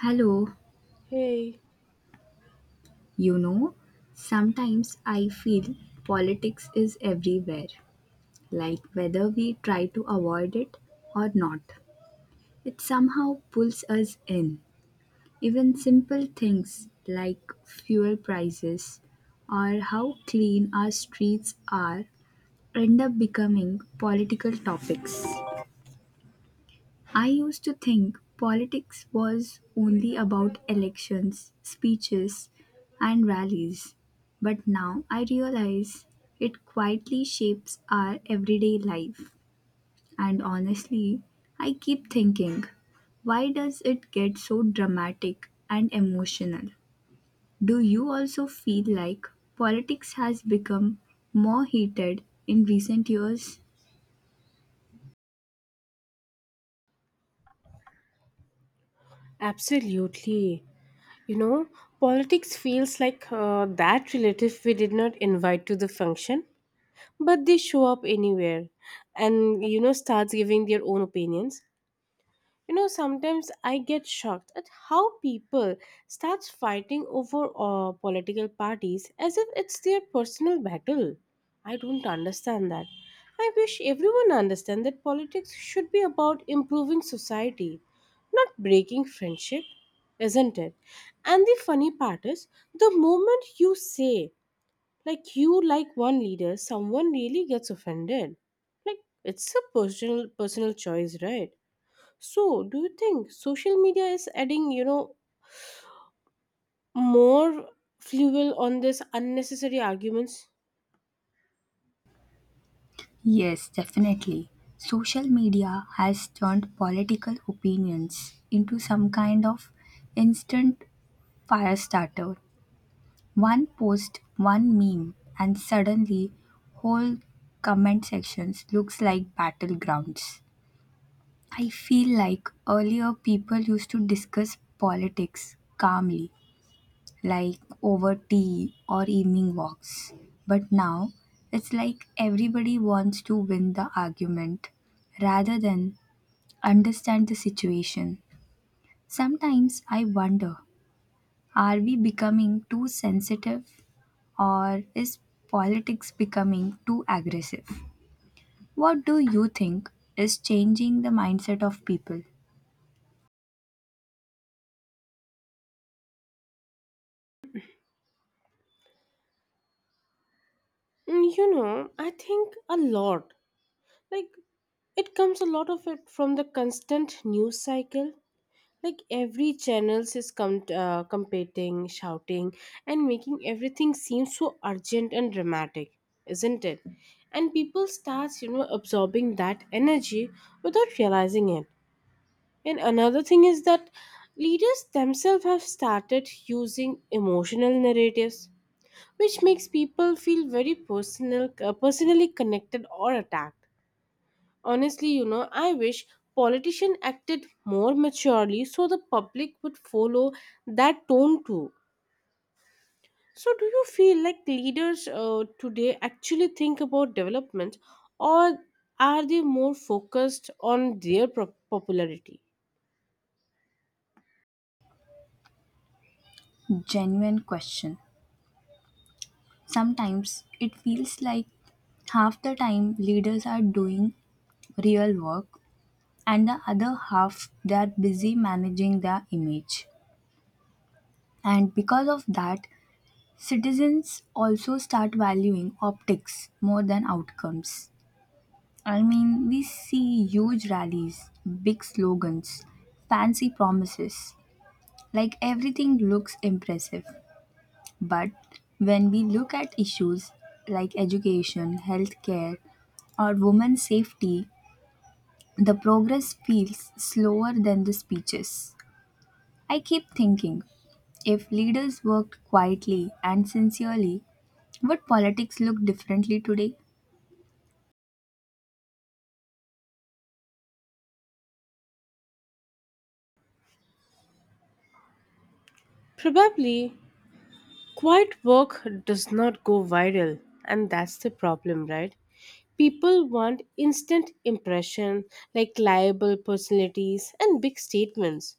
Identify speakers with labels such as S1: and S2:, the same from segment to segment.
S1: Hello,
S2: Hey,
S1: you know, sometimes I feel politics is everywhere, like whether we try to avoid it or not. It somehow pulls us in. Even simple things like fuel prices or how clean our streets are end up becoming political topics. I used to think politics was only about elections, speeches, and rallies, but now I realize it quietly shapes our everyday life. And honestly, I keep thinking, why does it get so dramatic and emotional? Do you also feel like politics has become more heated in recent years?
S2: absolutely. You know, politics feels like that relative we did not invite to the function, but they show up anywhere and, you know, starts giving their own opinions. You know, sometimes I get shocked at how people start fighting over political parties as if it's their personal battle. I don't understand that. I wish everyone understand that politics should be about improving society, not breaking friendship, isn't it? And the funny part is, the moment you say like you like one leader, someone really gets offended. Like it's a personal choice, right? So, do you think social media is adding, you know, more fuel on this unnecessary arguments?
S1: Yes, definitely. Social media has turned political opinions into some kind of instant fire starter. One post, one meme, and suddenly whole comment sections looks like battlegrounds. I feel like earlier people used to discuss politics calmly, like over tea or evening walks. But now it's like everybody wants to win the argument rather than understand the situation. Sometimes I wonder, are we becoming too sensitive, or is politics becoming too aggressive? What do you think is changing the mindset of people?
S2: You know, I think a lot. Like, it comes a lot of it from the constant news cycle. Like, every channels is competing, shouting, and making everything seem so urgent and dramatic, isn't it? And people starts, you know, absorbing that energy without realizing it. And another thing is that leaders themselves have started using emotional narratives, which makes people feel very personally connected or attacked. Honestly, you know, I wish politicians acted more maturely so the public would follow that tone too. So, do you feel like leaders today actually think about development, or are they more focused on their popularity?
S1: Genuine question. Sometimes it feels like half the time leaders are doing real work and the other half they are busy managing their image. And because of that, citizens also start valuing optics more than outcomes. I mean, we see huge rallies, big slogans, fancy promises, like everything looks impressive. But when we look at issues like education, healthcare, or women's safety, the progress feels slower than the speeches. I keep thinking, if leaders worked quietly and sincerely, would politics look differently today?
S2: Probably quiet work does not go viral, and that's the problem, right? People want instant impression, like liable personalities and big statements.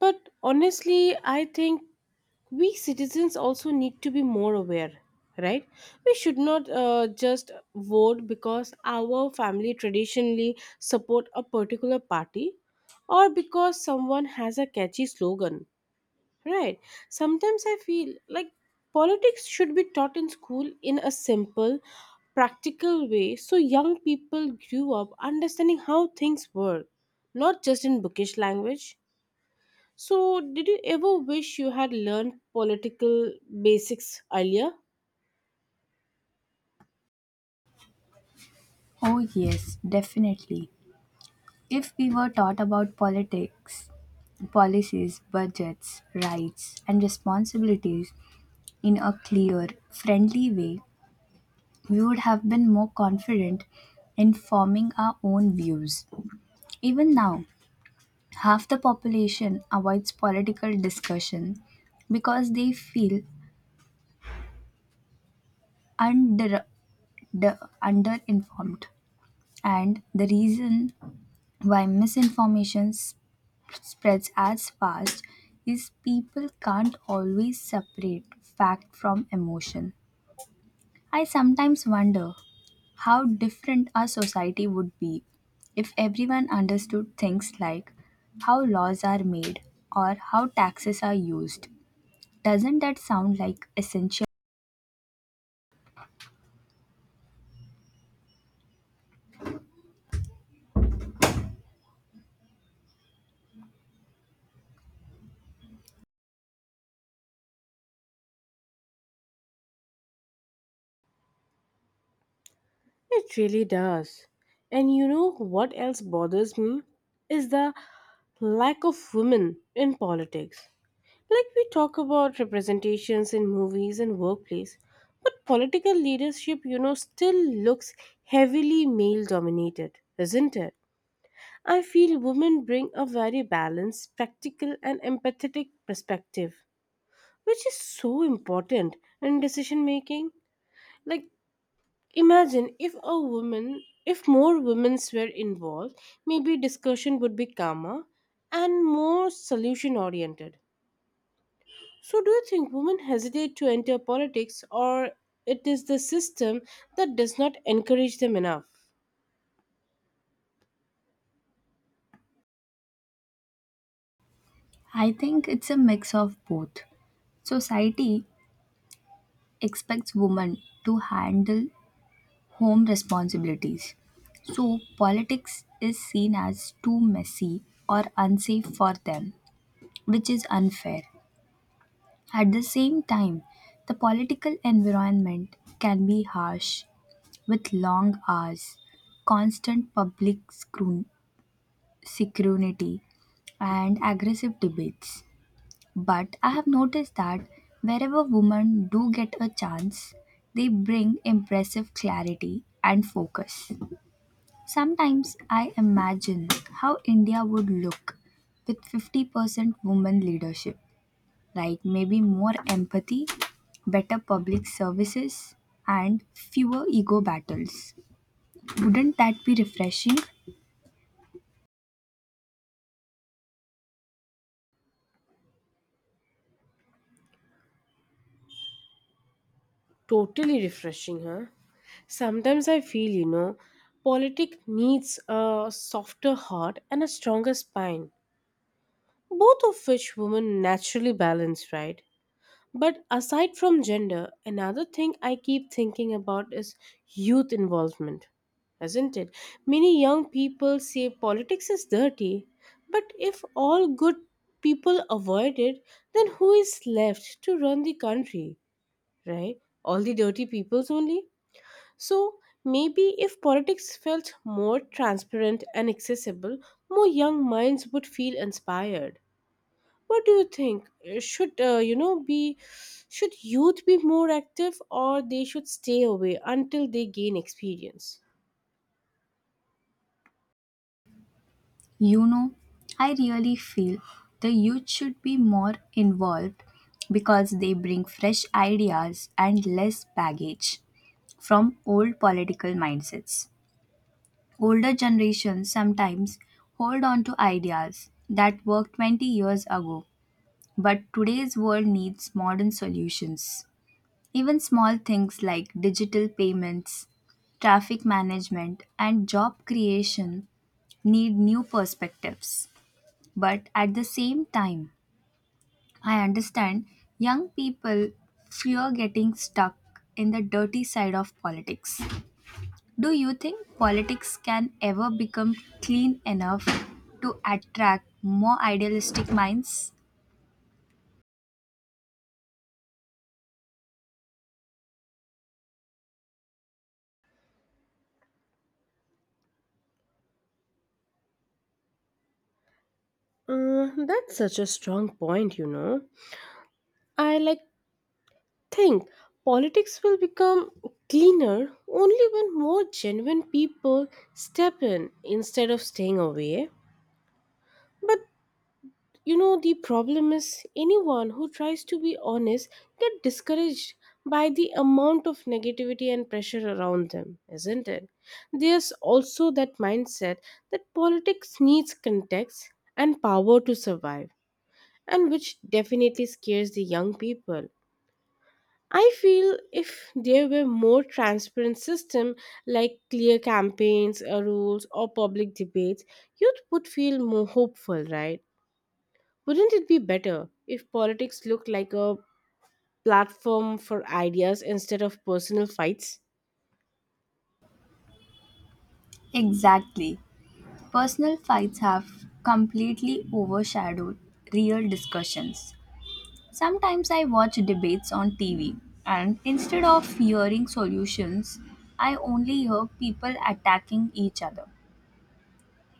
S2: But honestly, I think we citizens also need to be more aware, right? We should not just vote because our family traditionally support a particular party or because someone has a catchy slogan. Right. Sometimes I feel like politics should be taught in school in a simple, practical way so young people grew up understanding how things work, not just in bookish language. So, did you ever wish you had learned political basics earlier?
S1: Oh, yes, definitely. If we were taught about politics, policies, budgets, rights, and responsibilities in a clear, friendly way, we would have been more confident in forming our own views. Even now, half the population avoids political discussion because they feel under, de- underinformed. And the reason why misinformation spreads as fast is people can't always separate fact from emotion. I sometimes wonder how different our society would be if everyone understood things like how laws are made or how taxes are used. Doesn't that sound like essential?
S2: It really does. And you know what else bothers me is the lack of women in politics. Like we talk about representations in movies and workplace, but political leadership, you know, still looks heavily male dominated, isn't it? I feel women bring a very balanced, practical, and empathetic perspective, which is so important in decision making. Like, imagine if a woman, if more women were involved, maybe discussion would be calmer and more solution oriented. So, do you think women hesitate to enter politics, or it is the system that does not encourage them enough?
S1: I think it's a mix of both. Society expects women to handle home responsibilities. So, politics is seen as too messy or unsafe for them, which is unfair. At the same time, the political environment can be harsh, with long hours, constant public scrutiny, and aggressive debates. But I have noticed that wherever women do get a chance, they bring impressive clarity and focus. Sometimes I imagine how India would look with 50% women leadership, like maybe more empathy, better public services, and fewer ego battles. Wouldn't that be refreshing?
S2: Totally refreshing, huh? Sometimes I feel, you know, politics needs a softer heart and a stronger spine, both of which women naturally balance, right? But aside from gender, another thing I keep thinking about is youth involvement, isn't it? Many young people say politics is dirty, but if all good people avoid it, then who is left to run the country, right? All the dirty peoples only? So maybe if politics felt more transparent and accessible, more young minds would feel inspired. What do you think? Should you know be should youth be more active or they should stay away until they gain experience?
S1: You know, I really feel the youth should be more involved because they bring fresh ideas and less baggage from old political mindsets. Older generations sometimes hold on to ideas that worked 20 years ago, but today's world needs modern solutions. Even small things like digital payments, traffic management, and job creation need new perspectives. But at the same time, I understand young people fear getting stuck in the dirty side of politics. Do you think politics can ever become clean enough to attract more idealistic minds?
S2: That's such a strong point, you know. I like think politics will become cleaner only when more genuine people step in instead of staying away. But you know, the problem is anyone who tries to be honest get discouraged by the amount of negativity and pressure around them, isn't it? There's also that mindset that politics needs context and power to survive, and which definitely scares the young people. I feel if there were more transparent system like clear campaigns, rules or public debates, youth would feel more hopeful, right? Wouldn't it be better if politics looked like a platform for ideas instead of personal fights
S1: Exactly. Personal fights have completely overshadowed real discussions. Sometimes I watch debates on TV, and instead of hearing solutions, I only hear people attacking each other.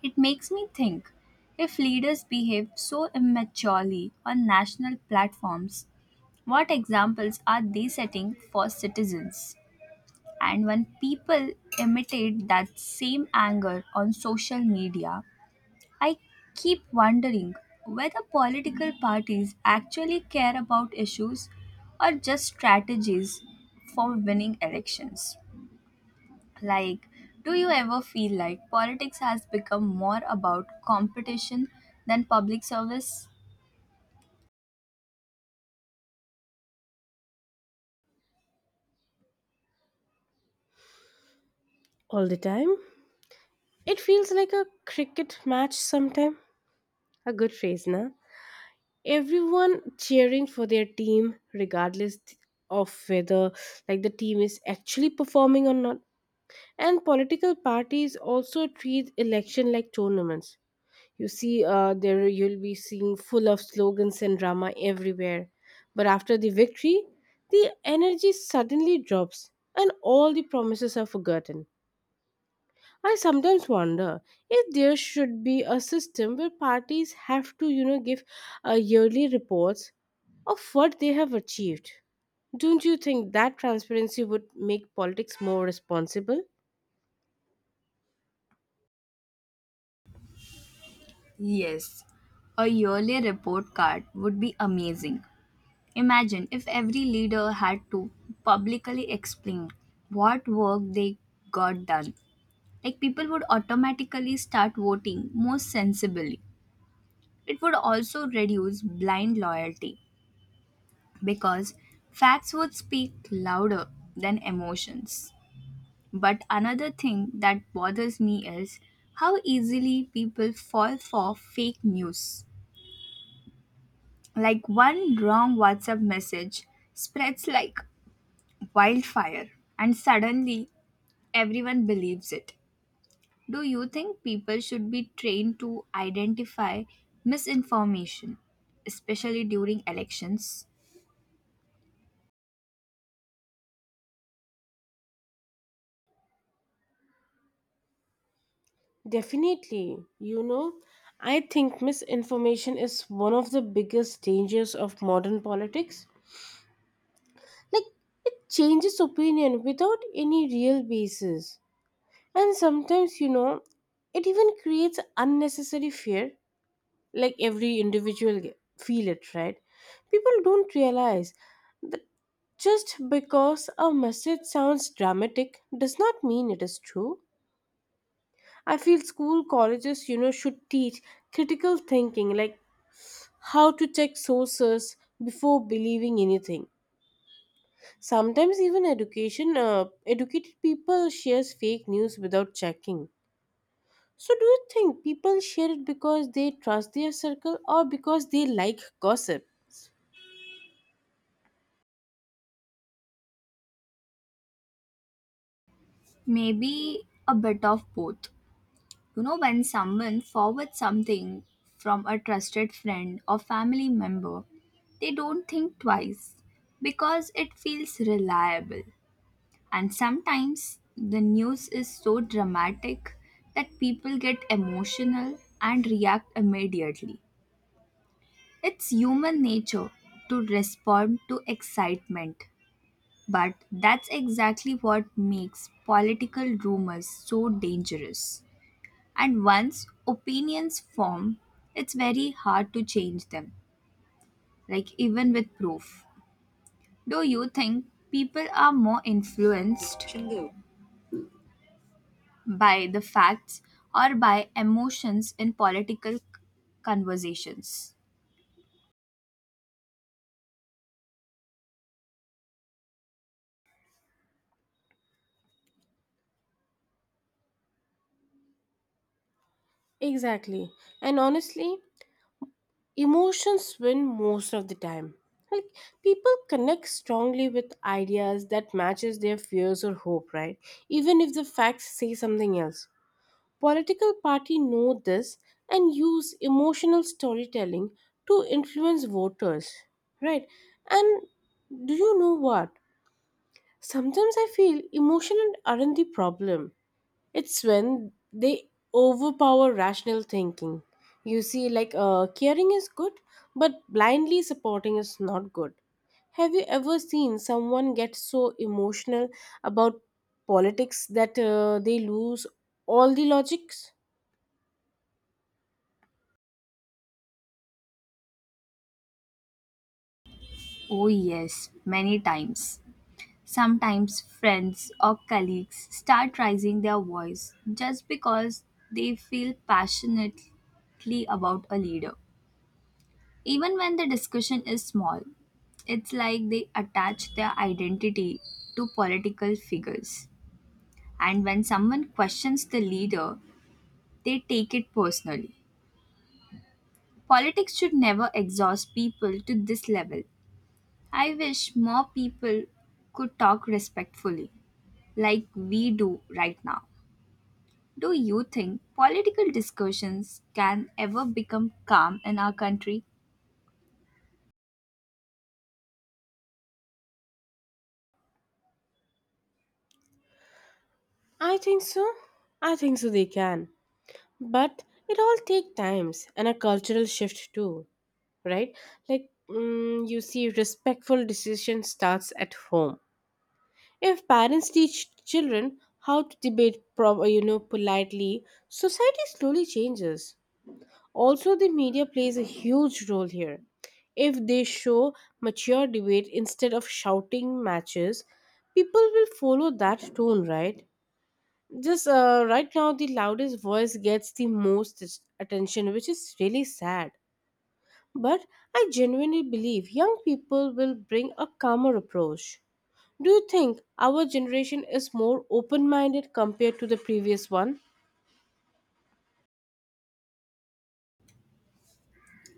S1: It makes me think, if leaders behave so immaturely on national platforms, what examples are they setting for citizens? And when people imitate that same anger on social media, I keep wondering whether political parties actually care about issues or just strategies for winning elections. Like, do you ever feel like politics has become more about competition than public service?
S2: all the time? It feels like a cricket match sometime. A good phrase, na? Everyone cheering for their team, regardless of whether like the team is actually performing or not. And political parties also treat election like tournaments. You see, there you'll be seeing full of slogans and drama everywhere, but after the victory the energy suddenly drops and all the promises are forgotten. I sometimes wonder if there should be a system where parties have to, you know, give yearly reports of what they have achieved. Don't you think that transparency would make politics more responsible?
S1: Yes, a yearly report card would be amazing. Imagine if every leader had to publicly explain what work they got done, like people would automatically start voting more sensibly. It would also reduce blind loyalty because facts would speak louder than emotions. But another thing that bothers me is how easily people fall for fake news. Like, one wrong WhatsApp message spreads like wildfire, and suddenly everyone believes it. Do you think people should be trained to identify misinformation, especially during elections?
S2: Definitely. You know, I think misinformation is one of the biggest dangers of modern politics. Like, it changes opinion without any real basis. And sometimes, you know, it even creates unnecessary fear. Like, every feel it, right? People don't realize that just because a message sounds dramatic does not mean it is true. I feel school colleges, you know, should teach critical thinking, like how to check sources before believing anything. Sometimes even education educated people shares fake news without checking. So do you think people share it because they trust their circle or because they like gossip?
S1: Maybe a bit of both. You know, when someone forwards something from a trusted friend or family member, they don't think twice because it feels reliable. And sometimes the news is so dramatic that people get emotional and react immediately. It's human nature to respond to excitement, but that's exactly what makes political rumors so dangerous. And once opinions form, it's very hard to change them, like even with proof. Do you think people are more influenced by the facts or by emotions in political conversations?
S2: Exactly. And honestly, emotions win most of the time. Like people connect strongly with ideas that matches their fears or hope, right? Even if the facts say something else. Political parties know this and use emotional storytelling to influence voters, right? And do you know what? Sometimes I feel emotions aren't the problem. It's when they overpower rational thinking. You see, like caring is good, but blindly supporting is not good. Have you ever seen someone get so emotional about politics that they lose all the logics?
S1: Oh, yes, many times. Sometimes friends or colleagues start raising their voice just because they feel passionately about a leader. Even when the discussion is small, it's like they attach their identity to political figures. And when someone questions the leader, they take it personally. Politics should never exhaust people to this level. I wish more people could talk respectfully, like we do right now. Do you think political discussions can ever become calm in our country?
S2: I think so. I think so they can. But it all take times and a cultural shift too, right? Like you see respectful decision starts at home. If parents teach children how to you know, politely, society slowly changes. Also the media plays a huge role here. If they show mature debate instead of shouting matches, people will follow that tone, right? Just right now, the loudest voice gets the most attention, which is really sad. But I genuinely believe young people will bring a calmer approach. Do you think our generation is more open minded compared to the previous one?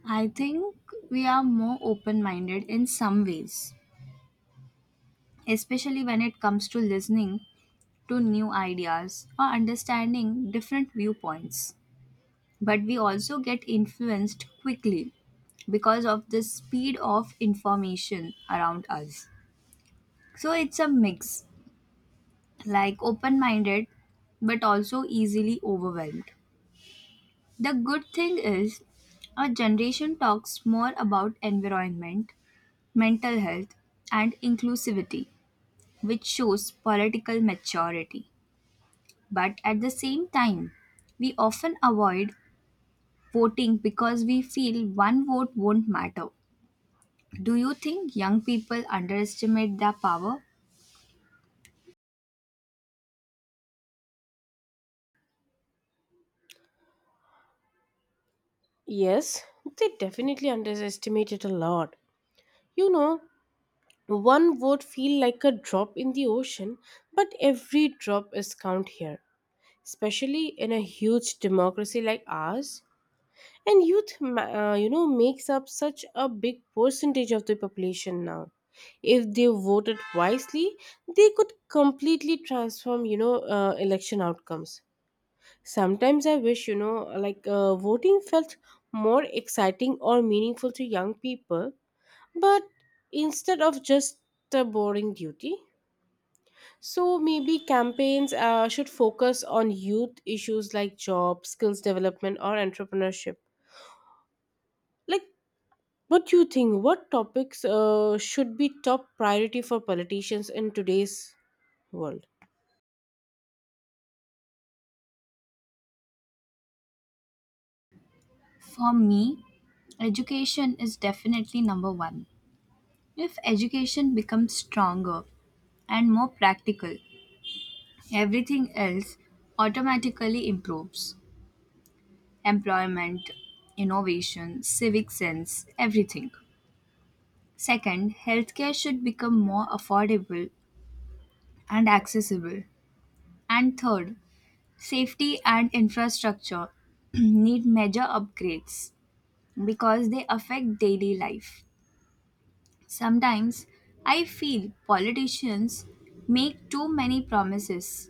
S1: I think we are more open minded in some ways, especially when it comes to listening to new ideas or understanding different viewpoints. But we also get influenced quickly because of the speed of information around us. So it's a mix, like open minded but also easily overwhelmed. The good thing is, our generation talks more about environment, mental health, and inclusivity, which shows political maturity. But at the same time, we often avoid voting because we feel one vote won't matter. Do you think young people underestimate their power?
S2: Yes, they definitely underestimate it a lot. You know, one would feel like a drop in the ocean, but every drop is count here, especially in a huge democracy like ours. And you know, makes up such a big percentage of the population now. If they voted wisely, they could completely transform, you know, election outcomes. Sometimes I wish, you know, like voting felt more exciting or meaningful to young people, but instead of just a boring duty. So maybe campaigns should focus on youth issues like job skills development or entrepreneurship. Like, what do you think? What topics should be top priority for politicians in today's world?
S1: For me, education is definitely number one. If education becomes stronger, and more practical. Everything else automatically improves: employment, innovation, civic sense, everything. Second, healthcare should become more affordable and accessible. And third, safety and infrastructure need major upgrades because they affect daily life. Sometimes I feel politicians make too many promises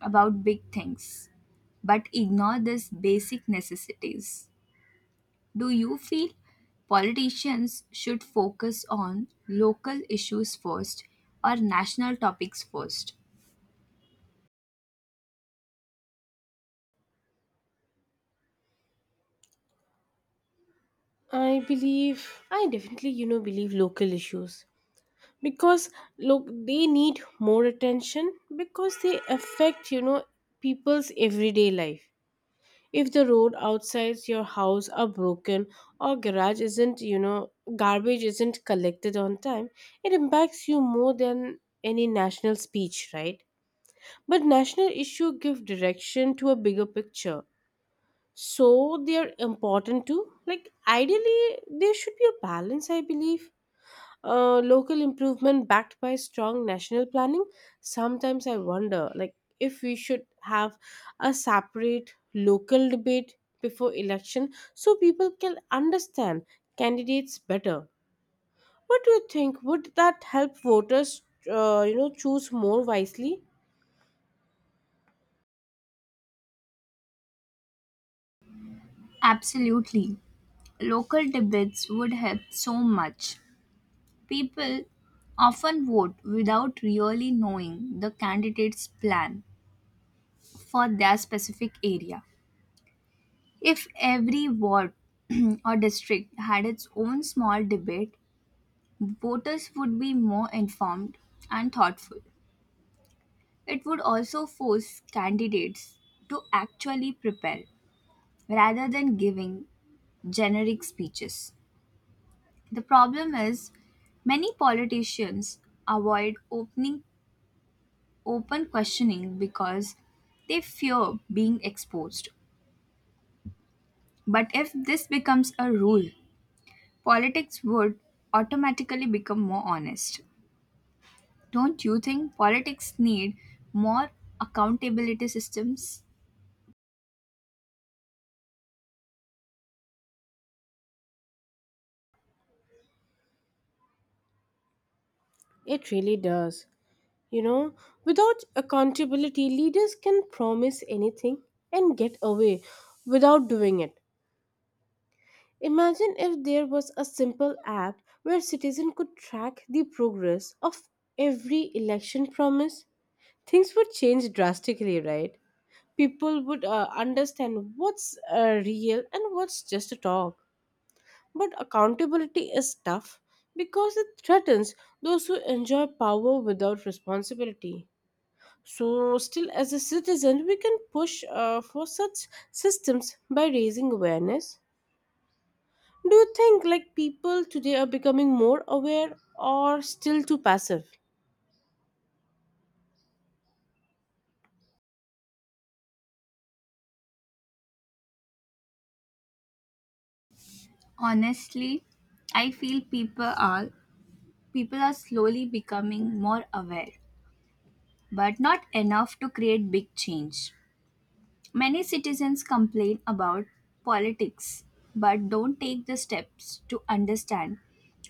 S1: about big things but ignore these basic necessities. Do you feel politicians should focus on local issues first or national topics first?
S2: I believe, I definitely, you know, believe local issues because look, they need more attention because they affect, you know, people's everyday life. If the road outside your house are broken or garage isn't, you know, garbage isn't collected on time, it impacts you more than any national speech, right? But national issue give direction to a bigger picture. So they are important too. Like ideally there should be a balance, I believe. Local improvement backed by strong national planning. Sometimes I wonder like if we should have a separate local debate before election so people can understand candidates better. What do you think? Would that help voters choose more wisely?
S1: Absolutely. Local debates would help so much. People often vote without really knowing the candidate's plan for their specific area. If every ward or district had its own small debate, voters would be more informed and thoughtful. It would also force candidates to actually prepare rather than giving generic speeches. The problem is, many politicians avoid open questioning because they fear being exposed. But if this becomes a rule, politics would automatically become more honest. Don't you think politics need more accountability systems?
S2: It really does. You know, without accountability, leaders can promise anything and get away without doing it. Imagine if there was a simple app where citizens could track the progress of every election promise. Things would change drastically, right? People would understand what's real and what's just a talk. But accountability is tough because it threatens those who enjoy power without responsibility. So, still as a citizen, we can push for such systems by raising awareness. Do you think like people today are becoming more aware or still too passive?
S1: Honestly, I feel people are slowly becoming more aware, but not enough to create big change. Many citizens complain about politics, but don't take the steps to understand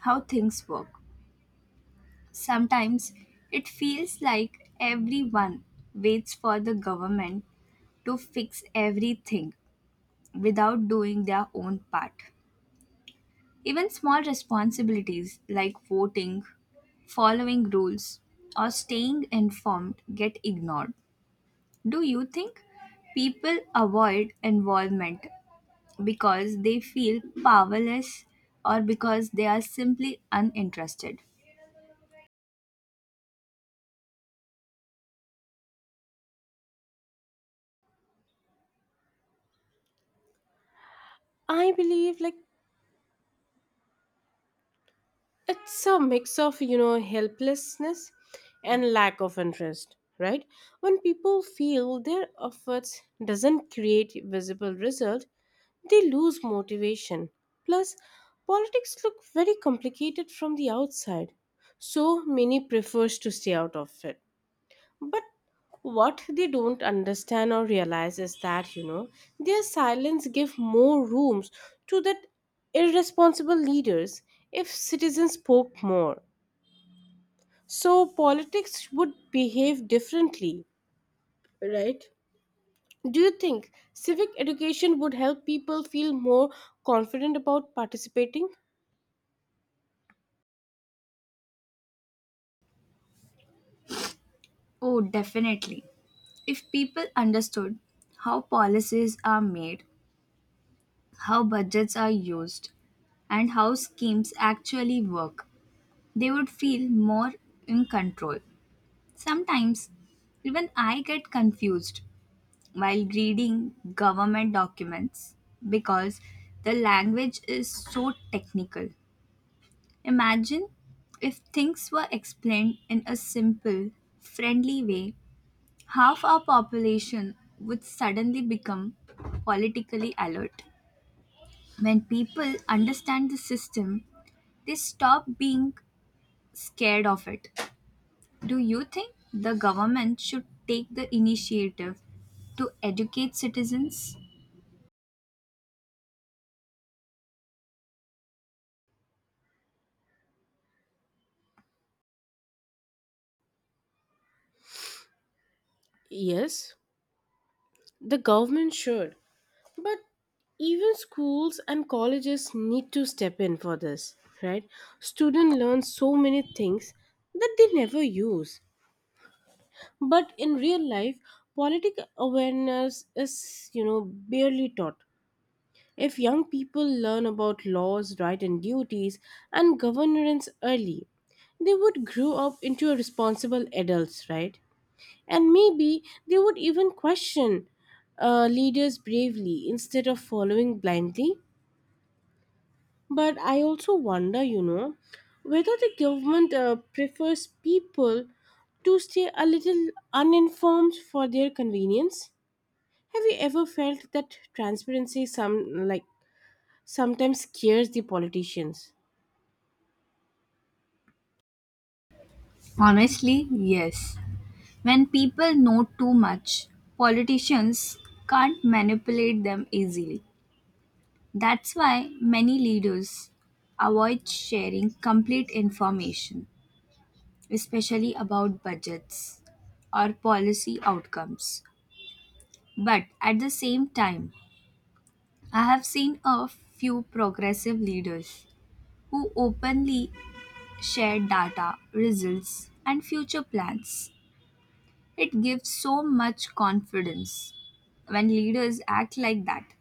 S1: how things work. Sometimes it feels like everyone waits for the government to fix everything without doing their own part. Even small responsibilities like voting, following rules, or staying informed get ignored. Do you think people avoid involvement because they feel powerless or because they are simply uninterested?
S2: I believe like it's a mix of, you know, helplessness and lack of interest, right? When people feel their efforts doesn't create visible result, they lose motivation. Plus, politics look very complicated from the outside, so many prefers to stay out of it. But what they don't understand or realize is that, you know, their silence give more rooms to that irresponsible leaders if citizens spoke more. So politics would behave differently, right? Do you think civic education would help people feel more confident about participating?
S1: Oh, definitely. If people understood how policies are made, how budgets are used, and how schemes actually work, they would feel more in control. Sometimes even I get confused while reading government documents because the language is so technical. Imagine if things were explained in a simple, friendly way, half our population would suddenly become politically alert. When people understand the system, they stop being scared of it. Do you think the government should take the initiative to educate citizens?
S2: Yes, the government should. But even schools and colleges need to step in for this, right? Students learn so many things that they never use. But in real life, political awareness is, you know, barely taught. If young people learn about laws, rights, and duties and governance early, they would grow up into responsible adults, right? And maybe they would even question leaders bravely instead of following blindly. But I also wonder, you know, whether the government prefers people to stay a little uninformed for their convenience. Have you ever felt that transparency sometimes scares the politicians?
S1: Honestly, yes. When people know too much, politicians can't manipulate them easily. That's why many leaders avoid sharing complete information, especially about budgets or policy outcomes. But at the same time, I have seen a few progressive leaders who openly shared data, results, and future plans. It gives so much confidence when leaders act like that.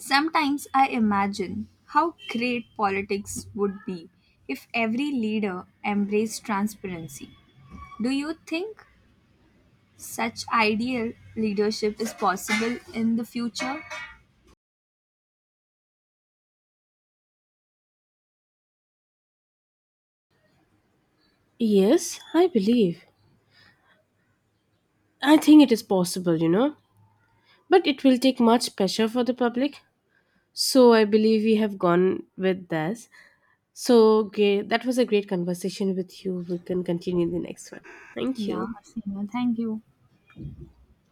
S1: Sometimes I imagine how great politics would be if every leader embraced transparency. Do you think such ideal leadership is possible in the future?
S2: Yes, I believe. I think it is possible, you know, but it will take much pressure for the public. So I believe we have gone with this. So great. That was a great conversation with you. We can continue the next one. Thank
S1: Yeah,
S2: you.
S1: Seema, thank you.